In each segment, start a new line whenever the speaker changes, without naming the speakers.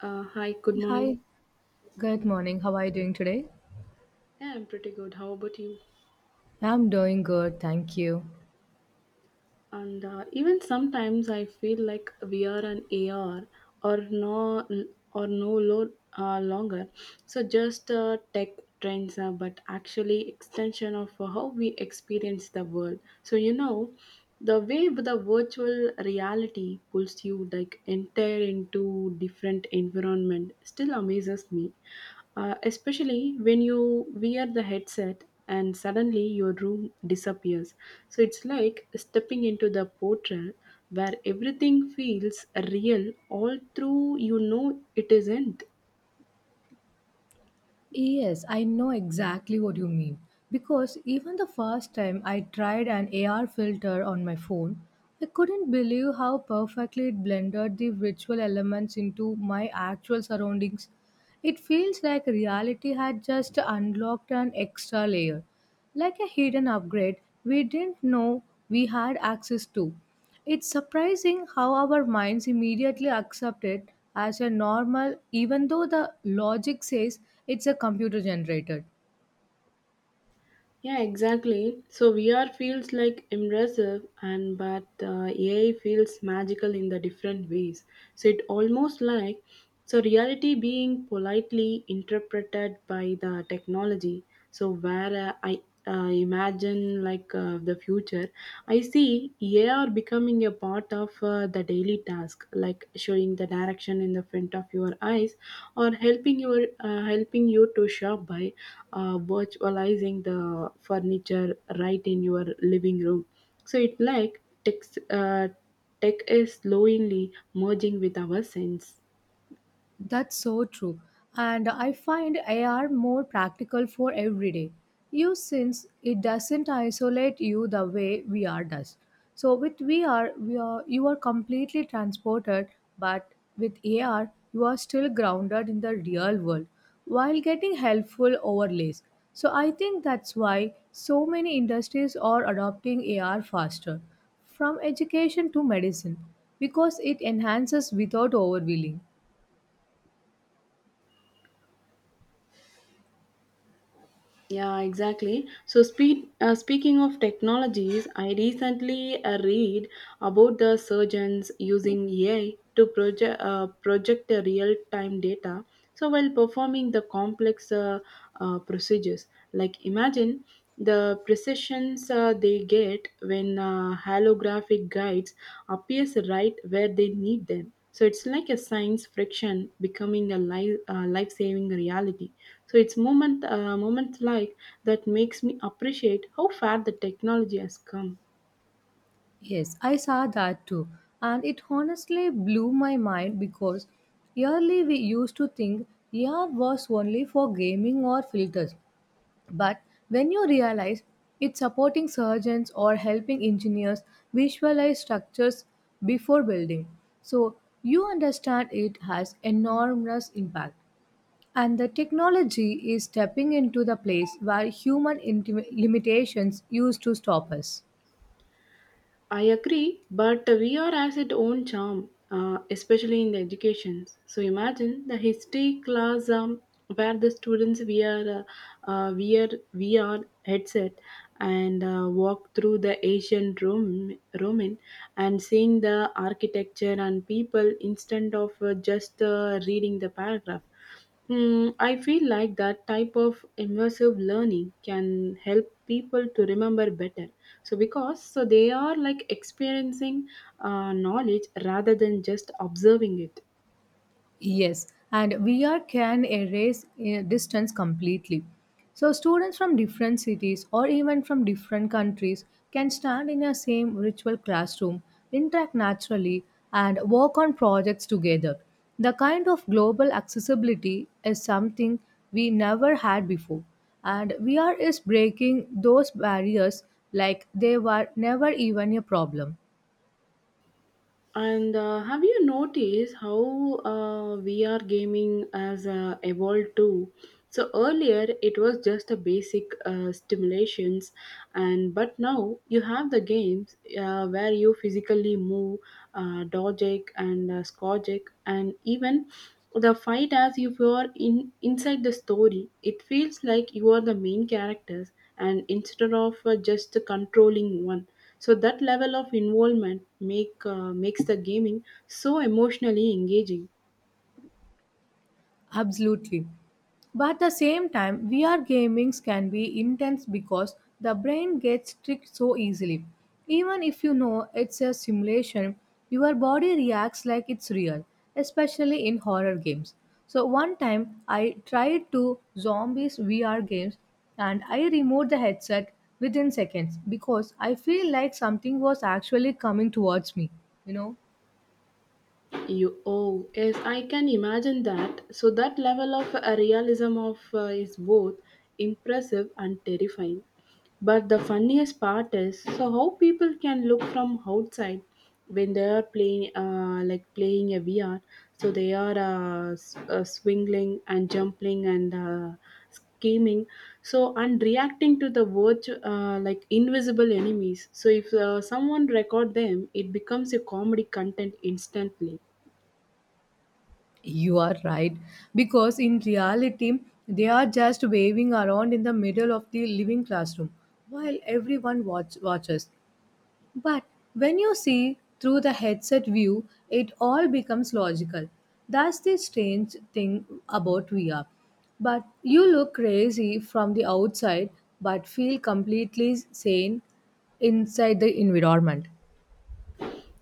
Hi, good morning.
Hi, good morning. How are you doing today?
Yeah, I'm pretty good. How about you?
I'm doing good, thank you.
And even sometimes I feel like we are an AR or no, or no longer. So just tech trends, but actually extension of how we experience the world. So you know, the way the virtual reality pulls you like entire into different environment still amazes me. Especially when you wear the headset and suddenly your room disappears. So it's like stepping into the portal where everything feels real, all through you know it isn't.
Yes, I know exactly what you mean. Because even the first time I tried an AR filter on my phone, I couldn't believe how perfectly it blended the virtual elements into my actual surroundings. It feels like reality had just unlocked an extra layer, like a hidden upgrade we didn't know we had access to. It's surprising how our minds immediately accept it as a normal, even though the logic says it's a computer generated.
Yeah, exactly. So VR feels like immersive, and but AI feels magical in the different ways. So it almost like so reality being politely interpreted by the technology. So where I imagine like the future, I see AR becoming a part of the daily task like showing the direction in the front of your eyes or helping you to shop by virtualizing the furniture right in your living room. So it like uh, tech is slowly merging with our sense.
That's so true. And I find AR more practical for everyday use since it doesn't isolate you the way VR does. So with VR, you are completely transported, but with AR, you are still grounded in the real world while getting helpful overlays. So I think that's why so many industries are adopting AR faster, from education to medicine, because it enhances without overwhelming.
Yeah, exactly. So, speaking of technologies, I recently read about the surgeons using AI to project the real time data. So, while performing the complex procedures, like imagine the precisions they get when holographic guides appears right where they need them. So it's like a science friction becoming a life saving reality. So it's moments like that makes me appreciate how far the technology has come.
Yes, I saw that too. And it honestly blew my mind because early we used to think AR was only for gaming or filters. But when you realize it's supporting surgeons or helping engineers visualize structures before building, so you understand it has enormous impact. And the technology is stepping into the place where limitations used to stop us.
I agree, but VR has its own charm, especially in the education. So imagine the history class where the students wear VR headset and walk through the ancient Rome, Roman and seeing the architecture and people instead of just reading the paragraph. Mm, I feel like that type of immersive learning can help people to remember better. So because so they are like experiencing knowledge rather than just observing it.
Yes, and VR can erase distance completely. So students from different cities or even from different countries can stand in a same virtual classroom, interact naturally, and work on projects together. The kind of global accessibility is something we never had before, and VR is breaking those barriers like they were never even a problem.
And have you noticed how VR gaming has evolved too? So earlier it was just a basic stimulations, and but now you have the games where you physically move, dodge it and scotch it and even the fight as if you are in inside the story. It feels like you are the main characters, and instead of just controlling one. So that level of involvement makes the gaming so emotionally engaging.
Absolutely. But at the same time, VR gamings can be intense because the brain gets tricked so easily. Even if you know it's a simulation, your body reacts like it's real, especially in horror games. So one time I tried two zombies VR games and I removed the headset within seconds because I feel like something was actually coming towards me, you know.
You Oh yes, I can imagine that. So that level of realism of is both impressive and terrifying. But the funniest part is so how people can look from outside when they are playing like playing a VR. So they are swinging and jumping and scheming. So and reacting to the like invisible enemies. So if someone record them, it becomes a comedy content instantly.
You are right, because in reality, they are just waving around in the middle of the living classroom while everyone watches. But when you see through the headset view, it all becomes logical. That's the strange thing about VR. But you look crazy from the outside, but feel completely sane inside the environment.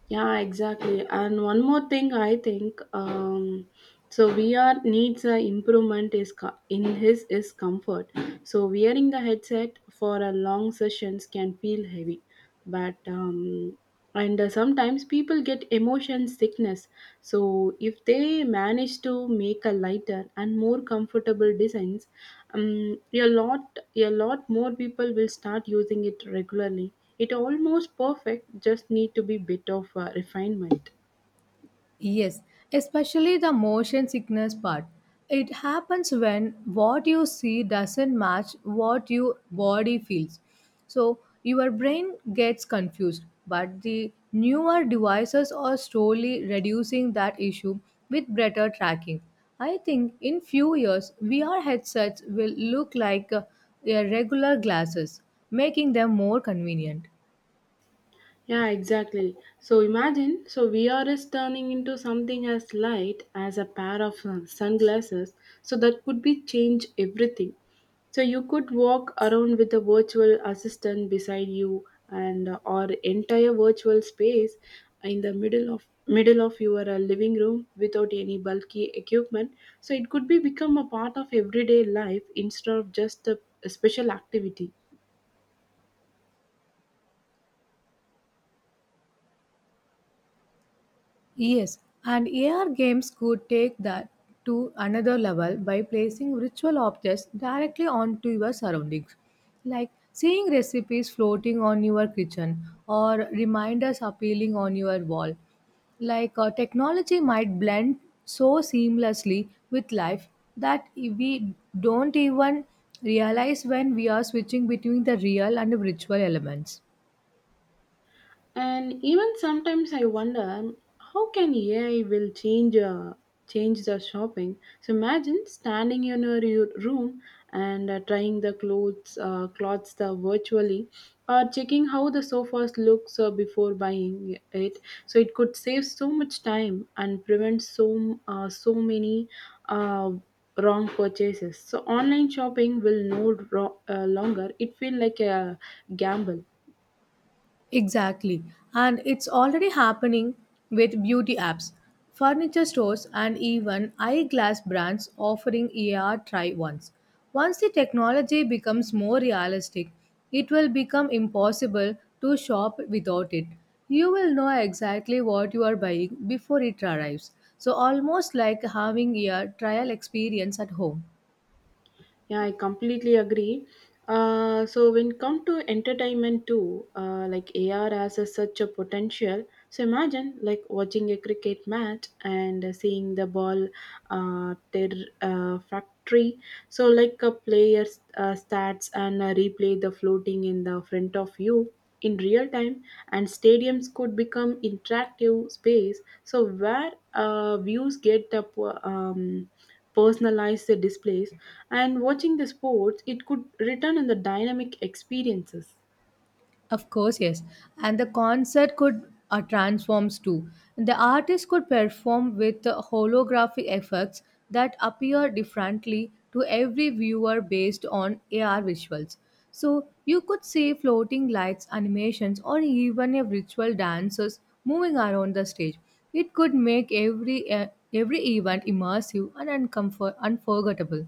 Yeah, exactly. And one more thing, I think, so VR needs a improvement in his is comfort. So wearing the headset for a long sessions can feel heavy, but and sometimes people get emotion sickness. So if they manage to make a lighter and more comfortable designs, a lot more people will start using it regularly. It almost perfect, just need to be bit of refinement.
Yes, especially the motion sickness part. It happens when what you see doesn't match what your body feels. So your brain gets confused, but the newer devices are slowly reducing that issue with better tracking. I think in few years VR headsets will look like a regular glasses, making them more convenient.
Yeah, exactly. So imagine, so VR is turning into something as light as a pair of sunglasses. So that could be change everything. So you could walk around with a virtual assistant beside you and or entire virtual space in the middle of your living room without any bulky equipment. So it could be become a part of everyday life instead of just a special activity.
Yes, and AR games could take that to another level by placing ritual objects directly onto your surroundings, like seeing recipes floating on your kitchen or reminders appealing on your wall. Technology might blend so seamlessly with life that we don't even realize when we are switching between the real and the virtual elements.
And even sometimes I wonder how can AI will change change the shopping. So imagine standing in your room and trying the clothes the virtually or checking how the sofas looks before buying it. So it could save so much time and prevent so many uh, wrong purchases. So online shopping will no longer it feel like a gamble.
Exactly. And it's already happening with beauty apps, furniture stores, and even eyeglass brands offering ER try ons. Once the technology becomes more realistic, it will become impossible to shop without it. You will know exactly what you are buying before it arrives. So, almost like having a trial experience at home.
Yeah, I completely agree. So when come to entertainment too, like AR has a, such a potential. So imagine like watching a cricket match and seeing the ball factory. So like a player's stats and replay the floating in the front of you in real time, and stadiums could become interactive space so where views get up um, personalize the displays, and watching the sports, it could return in the dynamic experiences.
Of course, yes. And the concert could transforms too. The artist could perform with holographic effects that appear differently to every viewer based on AR visuals. So you could see floating lights, animations, or even a ritual dancers moving around the stage. It could make every event immersive and unforgettable.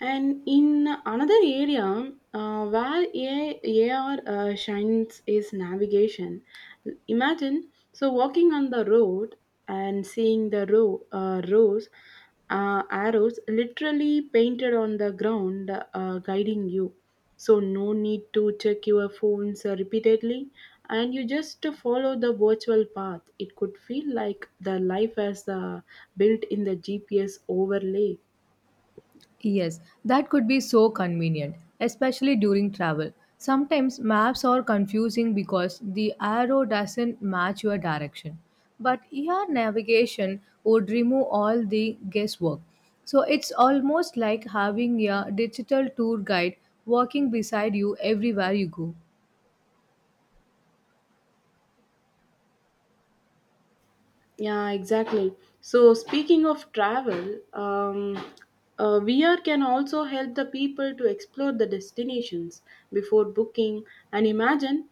And in another area where AR shines is navigation. Imagine so walking on the road and seeing the rows arrows literally painted on the ground guiding you. So no need to check your phones repeatedly, and you just follow the virtual path. It could feel like the life as built in the GPS overlay.
Yes, that could be so convenient, especially during travel. Sometimes maps are confusing because the arrow doesn't match your direction. But ER navigation would remove all the guesswork. So it's almost like having a digital tour guide walking beside you everywhere you go.
Yeah, exactly. So, speaking of travel, VR can also help the people to explore the destinations before booking and imagine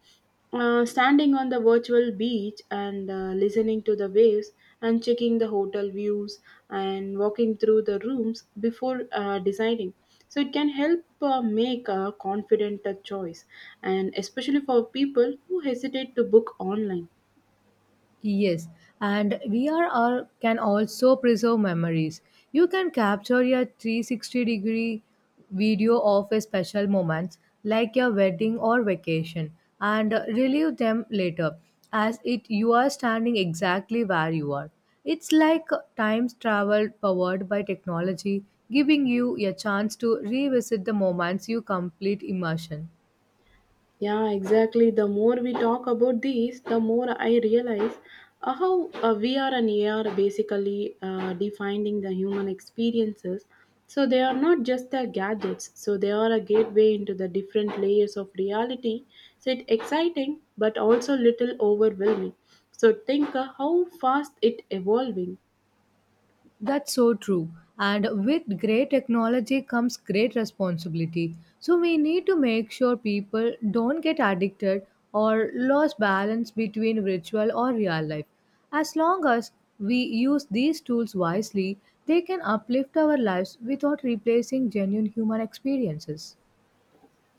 standing on the virtual beach and listening to the waves and checking the hotel views and walking through the rooms before deciding. So, it can help make a confident choice, and especially for people who hesitate to book online.
Yes, and can also preserve memories. You can capture your 360-degree video of a special moments like your wedding or vacation and relive them later as it you are standing exactly where you are. It's like time travel powered by technology, giving you a chance to revisit the moments you complete immersion.
Yeah, exactly. The more we talk about these, the more I realize how we and AR basically defining the human experiences. So they are not just the gadgets. So they are a gateway into the different layers of reality. So it's exciting, but also little overwhelming. So think how fast it evolving.
That's so true. And with great technology comes great responsibility. So we need to make sure people don't get addicted or lose balance between virtual or real life. As long as we use these tools wisely, they can uplift our lives without replacing genuine human experiences.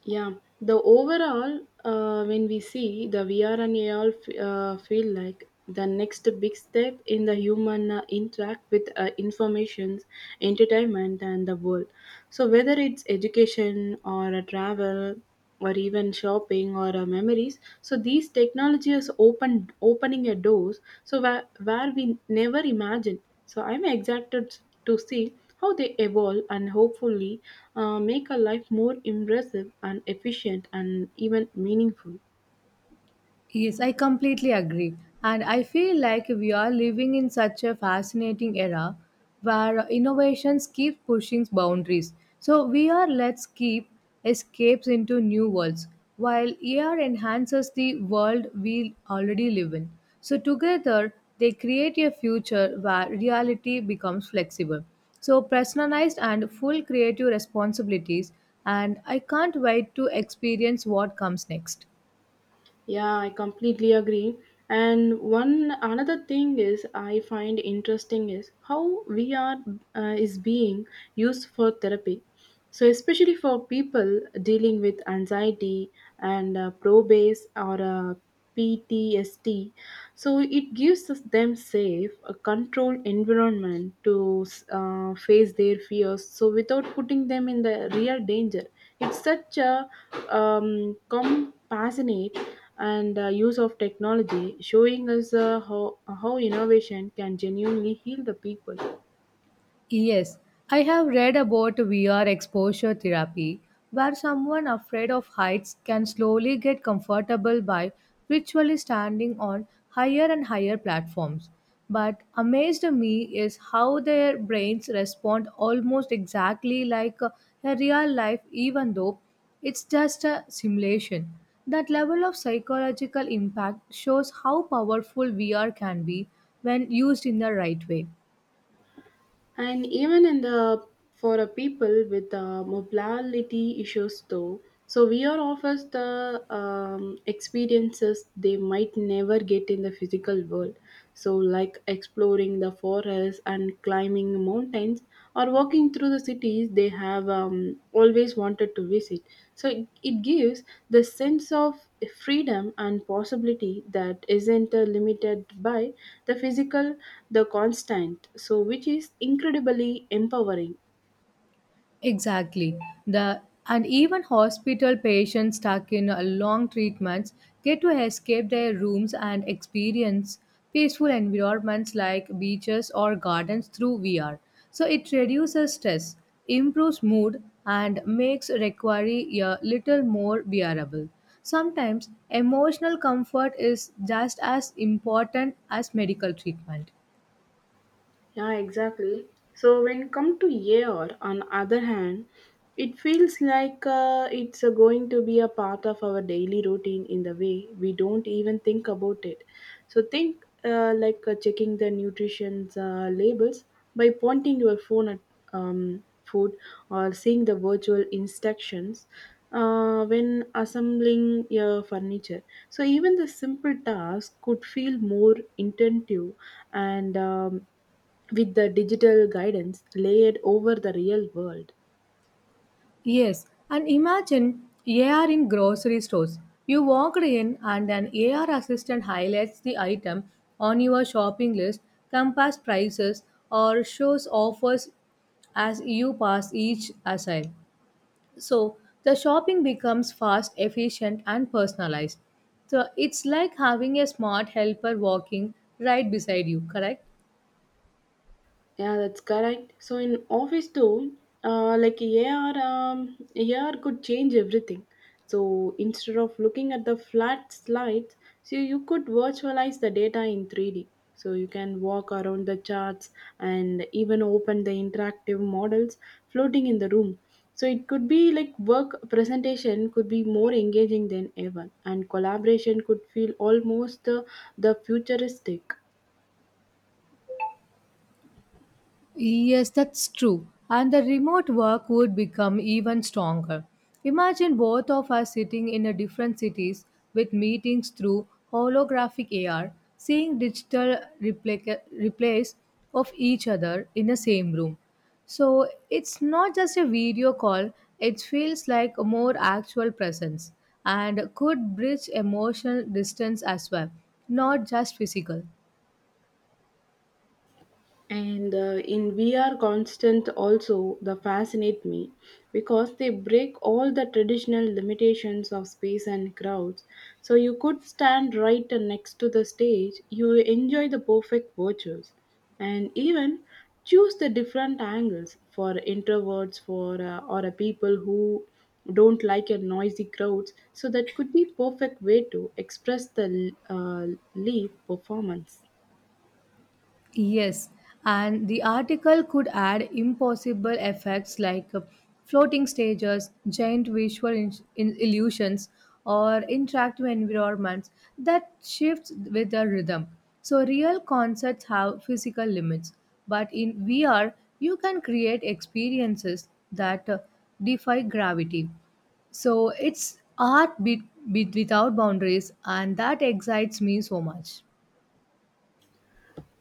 Yeah, the overall, when we see the VR and AR, feel like the next big step in the human interact with informations, entertainment, and the world. So whether it's education or a travel, or even shopping or memories, so these technologies opening a doors so where we never imagined. So I'm excited to see how they evolve and hopefully make our life more impressive and efficient and even meaningful.
Yes, I completely agree. And I feel like we are living in such a fascinating era where innovations keep pushing boundaries. So we are let's keep escapes into new worlds while AR enhances the world we already live in. So together they create a future where reality becomes flexible. So personalized and full creative responsibilities and I can't wait to experience what comes next.
Yeah, I completely agree. And one another thing is I find interesting is how VR is being used for therapy. So especially for people dealing with anxiety and probase or PTSD. So it gives us them safe, a controlled environment to face their fears. So without putting them in the real danger, it's such a compassionate and use of technology, showing us how innovation can genuinely heal the people.
Yes, I have read about VR exposure therapy, where someone afraid of heights can slowly get comfortable by virtually standing on higher and higher platforms. But amazed me is how their brains respond almost exactly like a real life, even though it's just a simulation. That level of psychological impact shows how powerful VR can be when used in the right way.
And even in the for a people with mobility issues though, so VR offers the experiences they might never get in the physical world. So like exploring the forest and climbing mountains or walking through the cities they have always wanted to visit. So it gives the sense of freedom and possibility that isn't limited by the physical, the constant, so which is incredibly empowering.
Exactly. The And even hospital patients stuck in long treatments get to escape their rooms and experience peaceful environments like beaches or gardens through VR. So it reduces stress, improves mood, and makes recovery a little more bearable. Sometimes emotional comfort is just as important as medical treatment.
Yeah, exactly. So when come to AR, on other hand, it feels like it's going to be a part of our daily routine in the way we don't even think about it. So think like checking the nutrition's labels by pointing your phone at food or seeing the virtual instructions when assembling your furniture. So even the simple task could feel more intentive and. With the digital guidance layered over the real world.
Yes, and imagine AR in grocery stores. You walked in and an AR assistant highlights the item on your shopping list, compares prices, or shows offers as you pass each aisle. So the shopping becomes fast, efficient, and personalized. So it's like having a smart helper walking right beside you, correct?
Yeah, that's correct. So in office too, like AR could change everything. So instead of looking at the flat slides, so you could virtualize the data in 3D. So you can walk around the charts and even open the interactive models floating in the room. So it could be like work presentation could be more engaging than ever, and collaboration could feel almost the futuristic.
Yes, that's true. And the remote work would become even stronger. Imagine both of us sitting in a different cities with meetings through holographic AR, seeing replays of each other in the same room. So it's not just a video call, it feels like a more actual presence and could bridge emotional distance as well, not just physical.
And in VR constant also the fascinate me because they break all the traditional limitations of space and crowds. So you could stand right next to the stage, you enjoy the perfect virtues and even choose the different angles for introverts for or a people who don't like a noisy crowds, so that could be perfect way to express the live performance.
Yes, and the article could add impossible effects like floating stages, giant illusions, or interactive environments that shift with the rhythm. So, real concerts have physical limits, but in VR, you can create experiences that defy gravity. So, it's art be- without boundaries, and that excites me so much.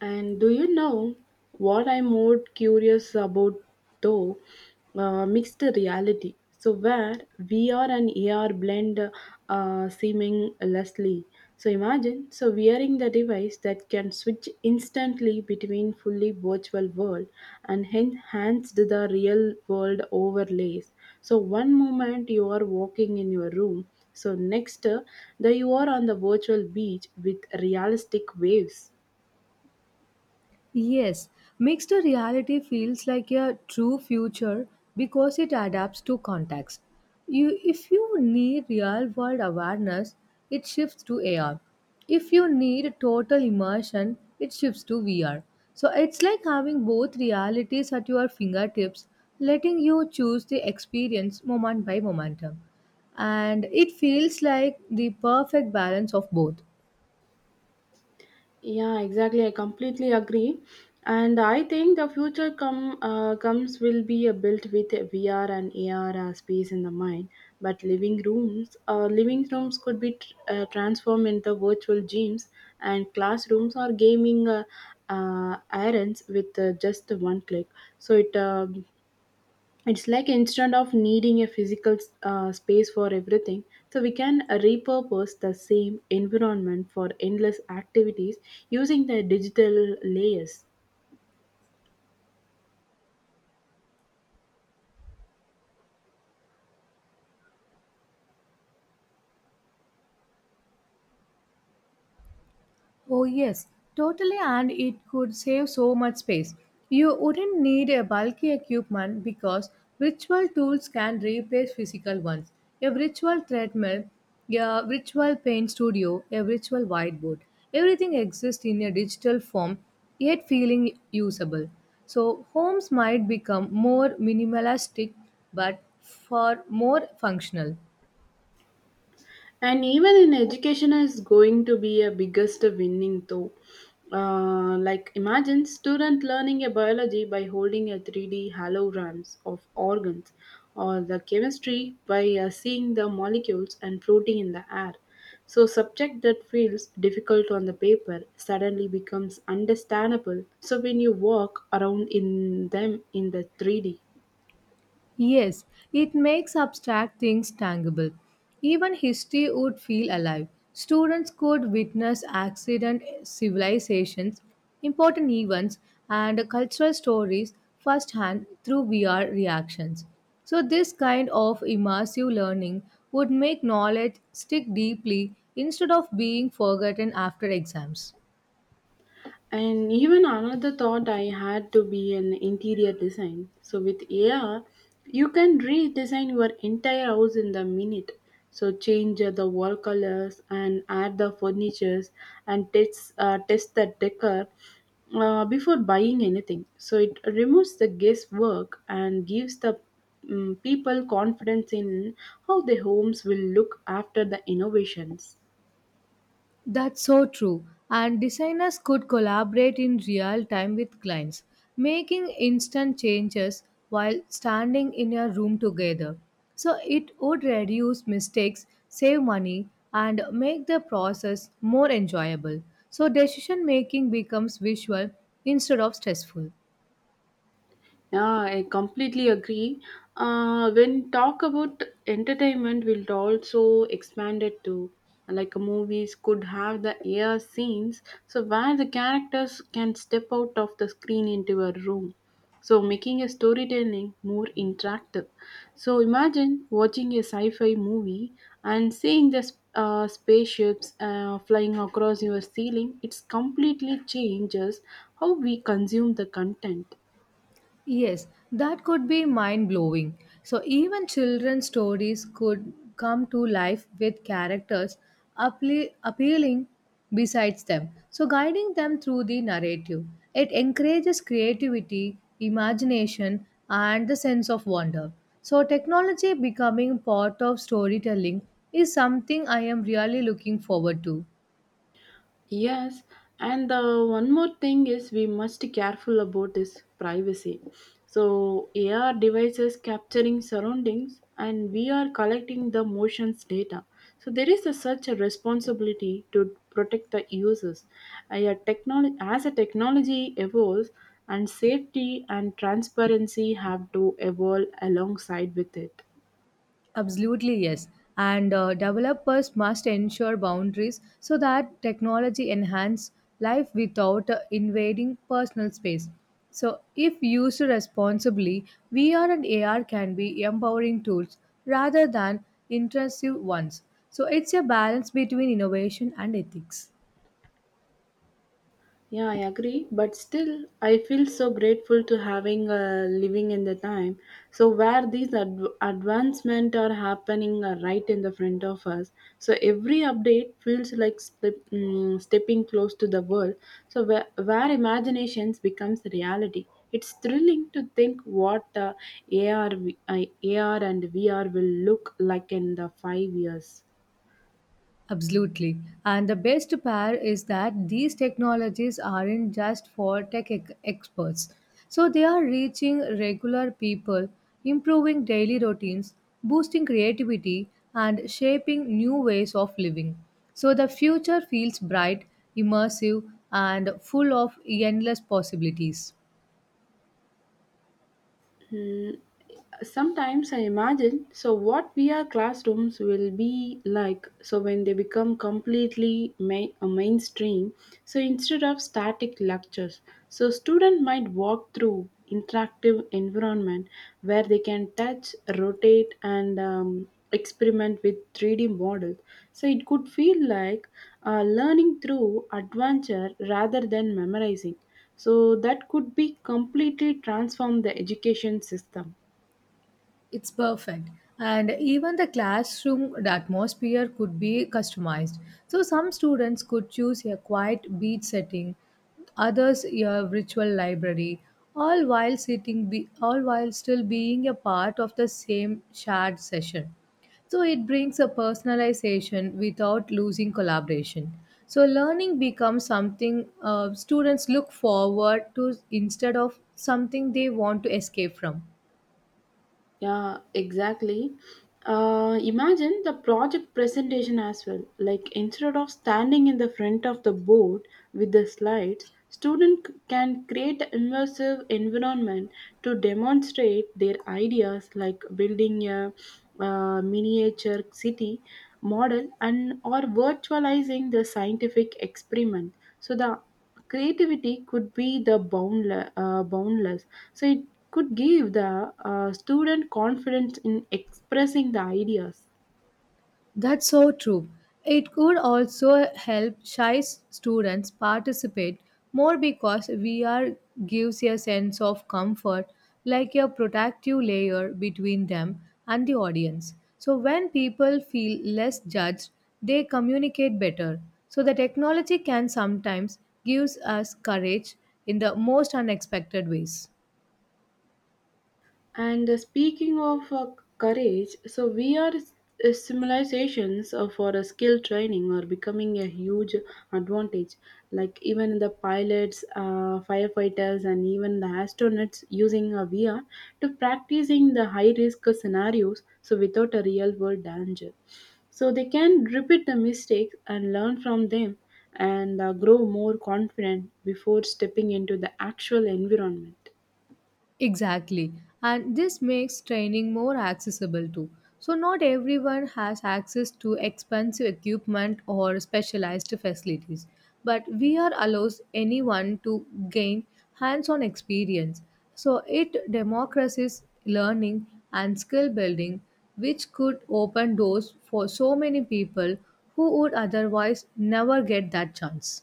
And do you know what I'm more curious about though? Mixed reality. So, where VR and AR blend seamlessly. So, imagine so wearing the device that can switch instantly between fully virtual world and enhanced the real world overlays. So, one moment you are walking in your room, so next that you are on the virtual beach with realistic waves.
Yes, mixed reality feels like a true future because it adapts to context. If you need real world awareness, it shifts to AR. If you need total immersion, it shifts to VR. So it's like having both realities at your fingertips, letting you choose the experience moment by momentum. And it feels like the perfect balance of both.
Yeah, exactly. I completely agree, and I think the future comes will be built with VR and AR space in the mind. But living rooms could be transformed into virtual gyms and classrooms or gaming errands with just one click. So it's like instead of needing a physical space for everything, so we can repurpose the same environment for endless activities using the digital layers.
Oh, yes, totally, and it could save so much space. You wouldn't need a bulky equipment because virtual tools can replace physical ones. A virtual treadmill, a virtual paint studio, a virtual whiteboard. Everything exists in a digital form, yet feeling usable. So, homes might become more minimalistic but far more functional.
And even in education is going to be a biggest winning though, like imagine student learning a biology by holding a 3D holograms of organs or the chemistry by seeing the molecules and floating in the air, so subject that feels difficult on the paper suddenly becomes understandable so when you walk around in them in the 3D.
Yes, it makes abstract things tangible. Even history would feel alive. Students could witness accident, civilizations, important events, and cultural stories firsthand through VR reactions. So, this kind of immersive learning would make knowledge stick deeply instead of being forgotten after exams.
And even another thought I had to be an interior design. So with AI, you can redesign your entire house in the minute. So change the wall colors and add the furnitures and test the decor before buying anything. So it removes the guesswork and gives the people confidence in how their homes will look after the innovations.
That's so true. And designers could collaborate in real time with clients, making instant changes while standing in a room together. So it would reduce mistakes, save money, and make the process more enjoyable. So decision making becomes visual instead of stressful.
Yeah, I completely agree. When talk about entertainment, we'll also expand it to, like, movies could have the air scenes, so where the characters can step out of the screen into a room, so making a storytelling more interactive. So imagine watching a sci-fi movie and seeing the spaceships flying across your ceiling. It's completely changes how we consume the content.
Yes, that could be mind blowing. So, even children's stories could come to life with characters appealing besides them. So, guiding them through the narrative. It encourages creativity, imagination, and the sense of wonder. So, technology becoming part of storytelling is something I am really looking forward to.
Yes, and the one more thing is we must be careful about is privacy. So AR devices capturing surroundings and we are collecting the motions data. So there is a, such a responsibility to protect the users. As a technology evolves and safety and transparency have to evolve alongside with it.
Absolutely, yes. And developers must ensure boundaries so that technology enhance life without invading personal space. So, if used responsibly, VR and AR can be empowering tools rather than intrusive ones. So, it's a balance between innovation and ethics.
Yeah, I agree, but still, I feel so grateful to having a living in the time. So where these advancement are happening are right in the front of us. So every update feels like stepping close to the world. So where imaginations becomes reality. It's thrilling to think what uh, AR, uh, AR and VR will look like in the 5 years.
Absolutely. And the best part is that these technologies aren't just for experts. So they are reaching regular people, improving daily routines, boosting creativity, and shaping new ways of living. So the future feels bright, immersive, and full of endless possibilities.
Hmm, Sometimes I imagine so what VR classrooms will be like so when they become completely main, a mainstream, so instead of static lectures, so student might walk through interactive environment where they can touch rotate and experiment with 3D models, so it could feel like learning through adventure rather than memorizing, so that could be completely transform the education system.
It's perfect. And even the classroom atmosphere could be customized. So some students could choose a quiet beach setting, others a virtual library, all while still being a part of the same shared session. So it brings a personalization without losing collaboration. So learning becomes something students look forward to instead of something they want to escape from.
Yeah, exactly. Imagine the project presentation as well, like instead of standing in the front of the board with the slides student can create an immersive environment to demonstrate their ideas, like building a miniature city model and or virtualizing the scientific experiment, so the creativity could be the boundless. So it could give the student confidence in expressing the ideas.
That's so true. It could also help students participate more because VR gives a sense of comfort, like a protective layer between them and the audience. So, when people feel less judged, they communicate better. So, the technology can sometimes gives us courage in the most unexpected ways.
And speaking of courage, so civilizations for a skill training are becoming a huge advantage. Like even the pilots, firefighters, and even the astronauts using a VR to practicing the high risk scenarios. So without a real world danger, so they can repeat the mistakes and learn from them and grow more confident before stepping into the actual environment.
Exactly. And this makes training more accessible too. So, not everyone has access to expensive equipment or specialized facilities, but VR allows anyone to gain hands on experience. So, it democratizes learning and skill building, which could open doors for so many people who would otherwise never get that chance.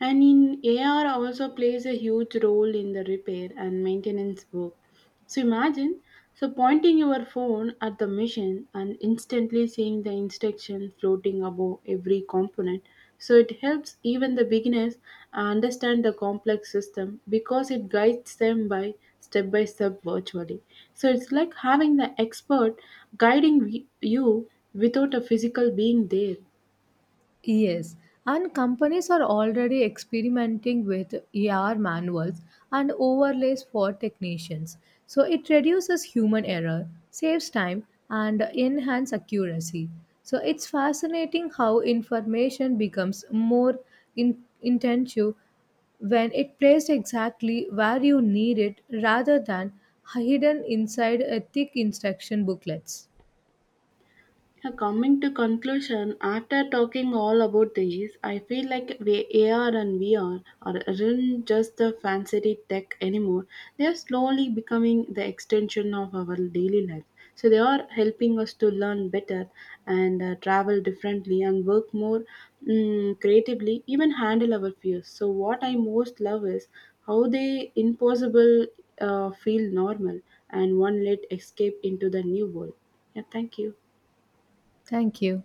And in AR also plays a huge role in the repair and maintenance work. So imagine so pointing your phone at the machine and instantly seeing the instruction floating above every component. So it helps even the beginners understand the complex system because it guides them by step virtually. So it's like having the expert guiding you without a physical being there.
Yes, and companies are already experimenting with ER manuals and overlays for technicians. So it reduces human error, saves time, and enhances accuracy. So it's fascinating how information becomes more intensive when it placed exactly where you need it rather than hidden inside a thick instruction booklets.
Yeah, coming to conclusion, after talking all about these, I feel like AR and VR are aren't just the fancy tech anymore. They are slowly becoming the extension of our daily life. So they are helping us to learn better and travel differently and work more creatively, even handle our fears. So what I most love is how they impossible feel normal and one let escape into the new world. Yeah, thank you.
Thank you.